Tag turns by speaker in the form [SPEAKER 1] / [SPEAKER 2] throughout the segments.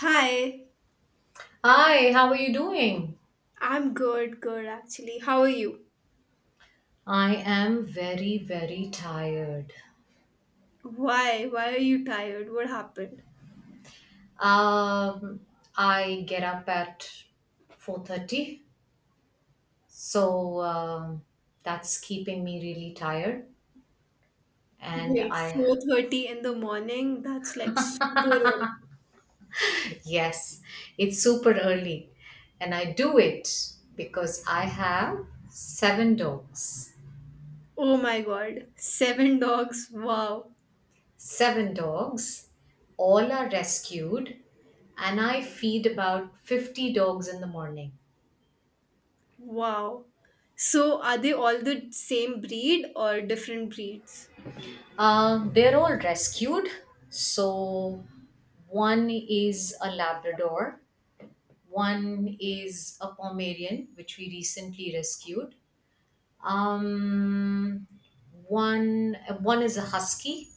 [SPEAKER 1] Hi,
[SPEAKER 2] Hi, how are you doing?
[SPEAKER 1] I'm good, good actually. How are you?
[SPEAKER 2] I am very, very tired.
[SPEAKER 1] Why? Why are you tired? What happened?
[SPEAKER 2] Um, I get up at 4:30, so that's keeping me really tired. And
[SPEAKER 1] Wait,
[SPEAKER 2] I,
[SPEAKER 1] 4:30 in the morning? That's like super early.
[SPEAKER 2] yes, it's super early, and I do it because I have seven dogs.
[SPEAKER 1] Oh my God. Seven dogs. Wow.
[SPEAKER 2] Seven dogs, all are rescued, and I feed about 50 dogs in the morning.
[SPEAKER 1] Wow. So are they all the same breed or different breeds?
[SPEAKER 2] They're all rescued. So one is a Labrador, one is a Pomeranian, which we recently rescued. Um, One is a Husky,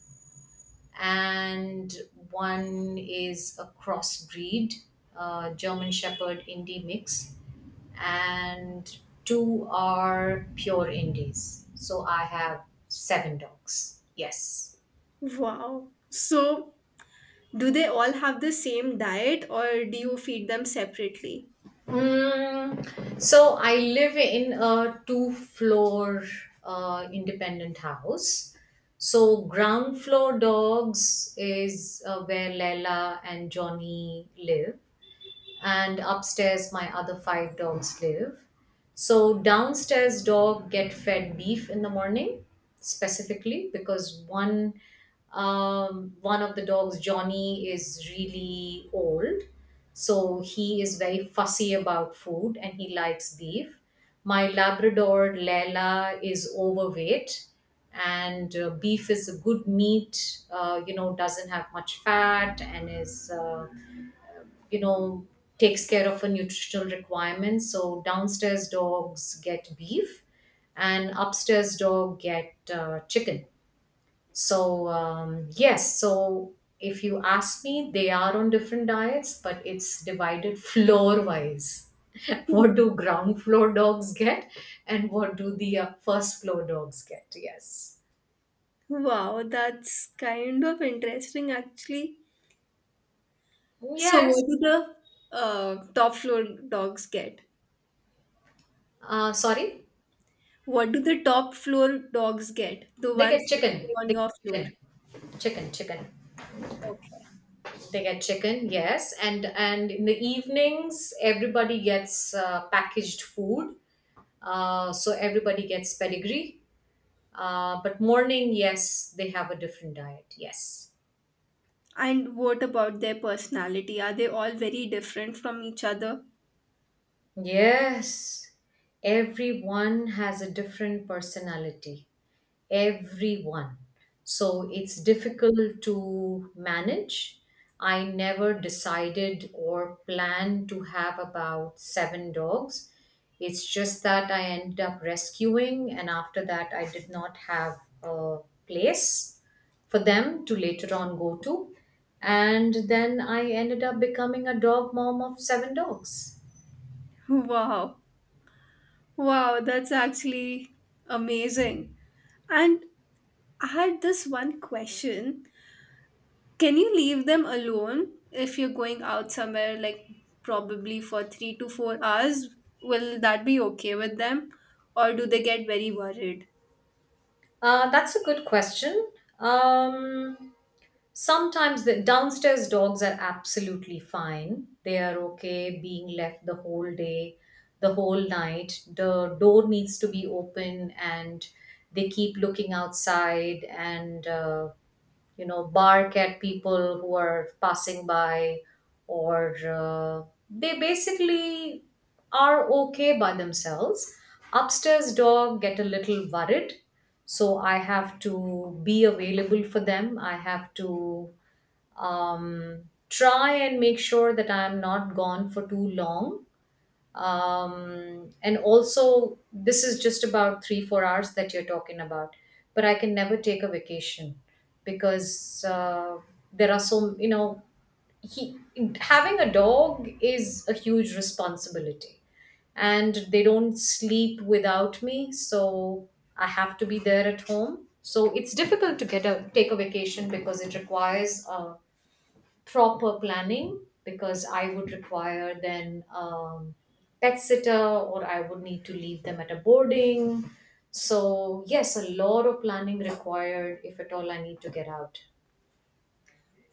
[SPEAKER 2] and one is a crossbreed, German Shepherd Indie mix, and two are pure Indies. So I have seven dogs. Yes.
[SPEAKER 1] Wow. So do they all have the same diet or do you feed them separately?
[SPEAKER 2] So I live in a two-floor independent house. So ground floor dogs is where Leila and Johnny live, and upstairs my other five dogs live. So downstairs dog get fed beef in the morning specifically because one of the dogs, Johnny, is really old, so he is very fussy about food and he likes beef. My Labrador Lela is overweight, and beef is a good meat. Doesn't have much fat, and is you know takes care of a nutritional requirement, so downstairs dogs get beef and upstairs dog get chicken. So, yes, so if you ask me they are on different diets, but it's divided floor wise. What do ground floor dogs get, and what do the first floor dogs get? Yes.
[SPEAKER 1] Wow, that's kind of interesting actually. So,
[SPEAKER 2] Yes.
[SPEAKER 1] what do the top floor dogs get?
[SPEAKER 2] Sorry.
[SPEAKER 1] What do the top floor dogs get? The
[SPEAKER 2] They get
[SPEAKER 1] ones that stay
[SPEAKER 2] chicken,
[SPEAKER 1] on
[SPEAKER 2] they
[SPEAKER 1] your
[SPEAKER 2] get
[SPEAKER 1] floor.
[SPEAKER 2] chicken, chicken, chicken.
[SPEAKER 1] Okay.
[SPEAKER 2] They get chicken, yes, and in the evenings everybody gets packaged food. So everybody gets pedigree. But morning, yes, they have a different diet. Yes.
[SPEAKER 1] And what about their personality? Are they all very different from each other?
[SPEAKER 2] Yes, everyone has a different personality. Everyone. So it's difficult to manage. I never decided or planned to have about seven dogs. It's just that I ended up rescuing, and after that, I did not have a place for them to later on go to. And then I ended up becoming a dog mom of seven dogs.
[SPEAKER 1] Wow. Wow, that's actually amazing. And I had this one question. Can you leave them alone if you're going out somewhere, like probably for 3 to 4 hours? Will that be okay with them? Or do they get very worried?
[SPEAKER 2] That's a good question. Um, Sometimes the downstairs dogs are absolutely fine. They are okay being left the whole day, the whole night. The door needs to be open, and they keep looking outside and bark at people who are passing by, or they basically are okay by themselves. Upstairs dog get a little worried, so I have to be available for them. I have to um, try and make sure that I'm not gone for too long, and also this is just about 3-4 hours that you're talking about, but I can never take a vacation because there are, so, you know he having a dog is a huge responsibility, and they don't sleep without me, so I have to be there at home, so it's difficult to get a take a vacation because it requires a proper planning, because I would require then pet sitter, or I would need to leave them at a boarding. So yes, a lot of planning required if at all I need to get out.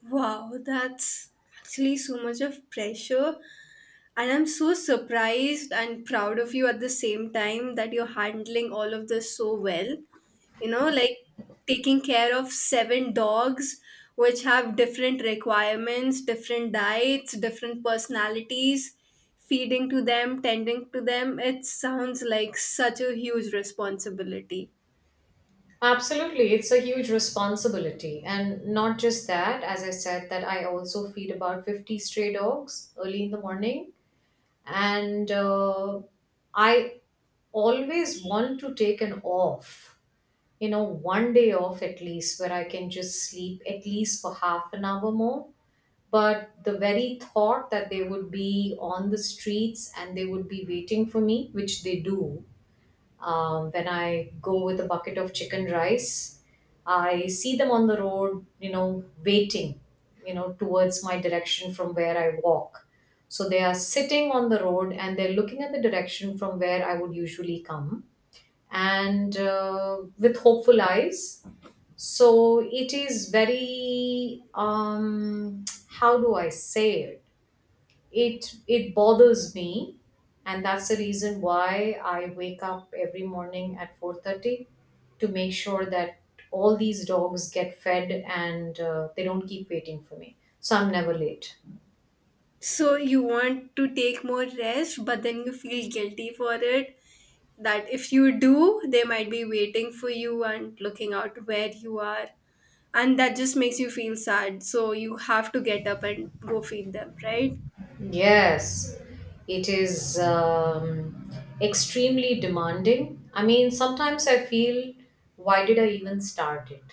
[SPEAKER 1] Wow, that's actually so much of pressure. And I'm so surprised and proud of you at the same time that you're handling all of this so well. You know, like taking care of seven dogs, which have different requirements, different diets, different personalities, feeding to them, tending to them. It sounds like such a huge responsibility.
[SPEAKER 2] Absolutely, it's a huge responsibility, and not just that. As I said, that I also feed about 50 stray dogs early in the morning, and I always want to take an off, one day off at least where I can just sleep at least for half an hour more. But the very thought that they would be on the streets and they would be waiting for me, which they do, when I go with a bucket of chicken rice, I see them on the road, waiting, towards my direction from where I walk. So they are sitting on the road and they're looking at the direction from where I would usually come, and with hopeful eyes. So it is very, how do I say it? It bothers me, and that's the reason why I wake up every morning at 4:30 to make sure that all these dogs get fed, and they don't keep waiting for me. So I'm never late.
[SPEAKER 1] So you want to take more rest, but then you feel guilty for it that if you do, they might be waiting for you and looking out where you are. And that just makes you feel sad. So you have to get up and go feed them, right?
[SPEAKER 2] Yes, it is, extremely demanding. I mean, sometimes I feel, why did I even start it?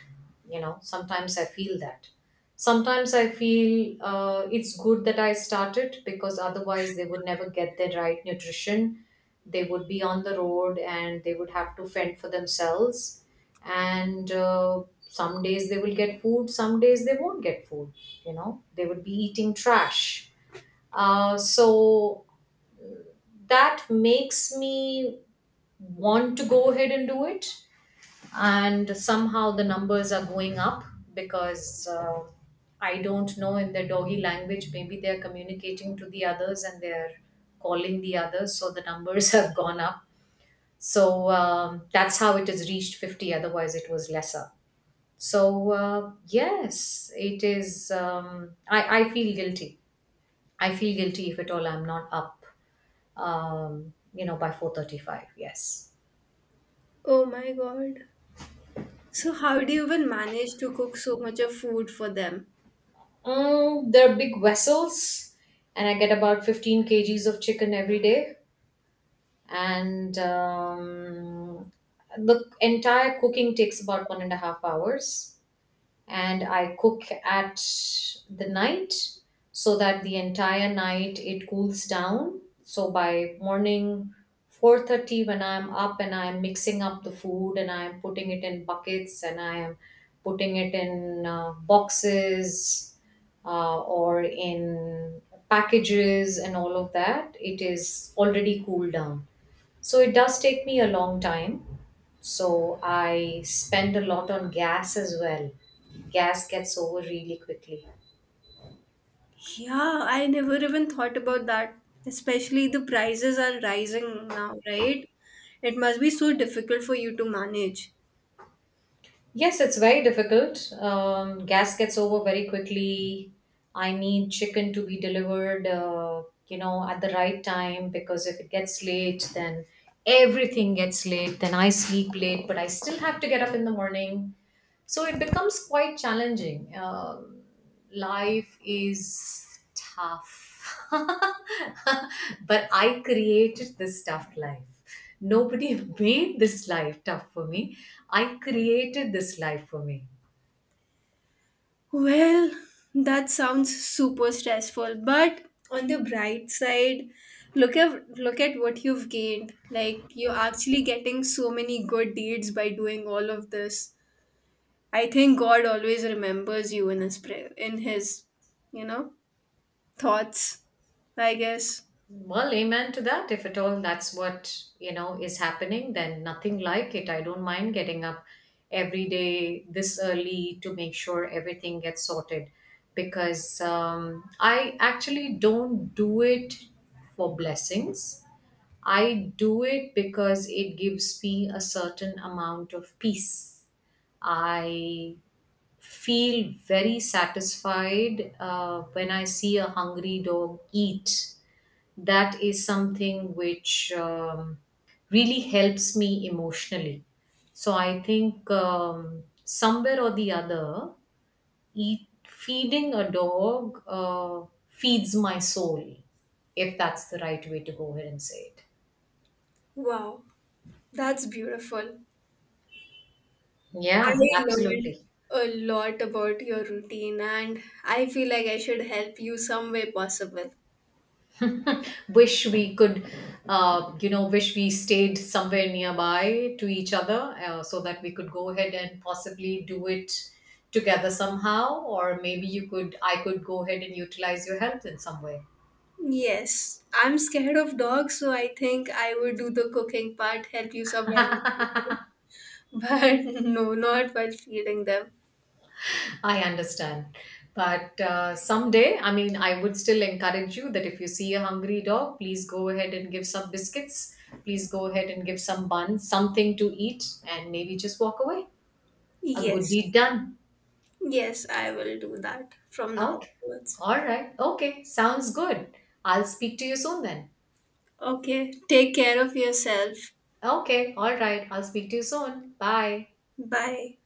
[SPEAKER 2] Sometimes I feel that. Sometimes I feel it's good that I started, because otherwise they would never get their right nutrition. They would be on the road and they would have to fend for themselves. And some days they will get food, some days they won't get food. They would be eating trash, so that makes me want to go ahead and do it. And somehow the numbers are going up because I don't know, in their doggy language, maybe they're communicating to the others and they're calling the others. So the numbers have gone up. So, that's how it has reached 50, otherwise, it was lesser. So, yes, it is. I feel guilty. I feel guilty if at all I'm not up, by 4:35. Yes.
[SPEAKER 1] Oh my God. So, how do you even manage to cook so much of food for them?
[SPEAKER 2] They're big vessels, and I get about 15 kgs of chicken every day. And the entire cooking takes about 1.5 hours. And I cook at the night so that the entire night it cools down. So by morning 4:30 when I'm up and I'm mixing up the food and I'm putting it in buckets and I am putting it in boxes, or in packages and all of that, it is already cooled down. So it does take me a long time. So I spend a lot on gas as well. Gas gets over really quickly.
[SPEAKER 1] Yeah, I never even thought about that. Especially the prices are rising now, right? It must be so difficult for you to manage.
[SPEAKER 2] Yes, it's very difficult. Gas gets over very quickly. I need chicken to be delivered, at the right time, because if it gets late, then everything gets late. Then I sleep late, but I still have to get up in the morning. So it becomes quite challenging. Life is tough, but I created this tough life. Nobody made this life tough for me. I created this life for me.
[SPEAKER 1] Well, that sounds super stressful, but on the bright side, look at what you've gained. Like you're actually getting so many good deeds by doing all of this. I think God always remembers you in his prayer, in his, you know, thoughts, I guess.
[SPEAKER 2] Well, amen to that. If at all that's what, is happening, then nothing like it. I don't mind getting up every day this early to make sure everything gets sorted, because I actually don't do it for blessings. I do it because it gives me a certain amount of peace. I feel very satisfied when I see a hungry dog eat. That is something which, really helps me emotionally. So I think, somewhere or the other, feeding a dog feeds my soul, if that's the right way to go ahead and say it.
[SPEAKER 1] Wow, that's beautiful. I
[SPEAKER 2] Yeah,
[SPEAKER 1] learned
[SPEAKER 2] absolutely.
[SPEAKER 1] a lot about your routine and I feel like I should help you some way possible.
[SPEAKER 2] Wish we could you know Wish we stayed somewhere nearby to each other, so that we could go ahead and possibly do it together somehow, or maybe you could I could go ahead and utilize your help in some way.
[SPEAKER 1] Yes, I'm scared of dogs, so I think I would do the cooking part, help you somewhere in the cooking. But no, not while feeding them.
[SPEAKER 2] I understand, but someday, I mean, I would still encourage you that if you see a hungry dog, please go ahead and give some biscuits, please go ahead and give some buns, something to eat, and maybe just walk away. A good deed
[SPEAKER 1] Yes,
[SPEAKER 2] done.
[SPEAKER 1] yes, I will do that from now
[SPEAKER 2] Okay.
[SPEAKER 1] onwards.
[SPEAKER 2] All right. Okay. Sounds good. I'll speak to you soon then.
[SPEAKER 1] Okay, take care of yourself.
[SPEAKER 2] Okay. All right. I'll speak to you soon. Bye.
[SPEAKER 1] Bye.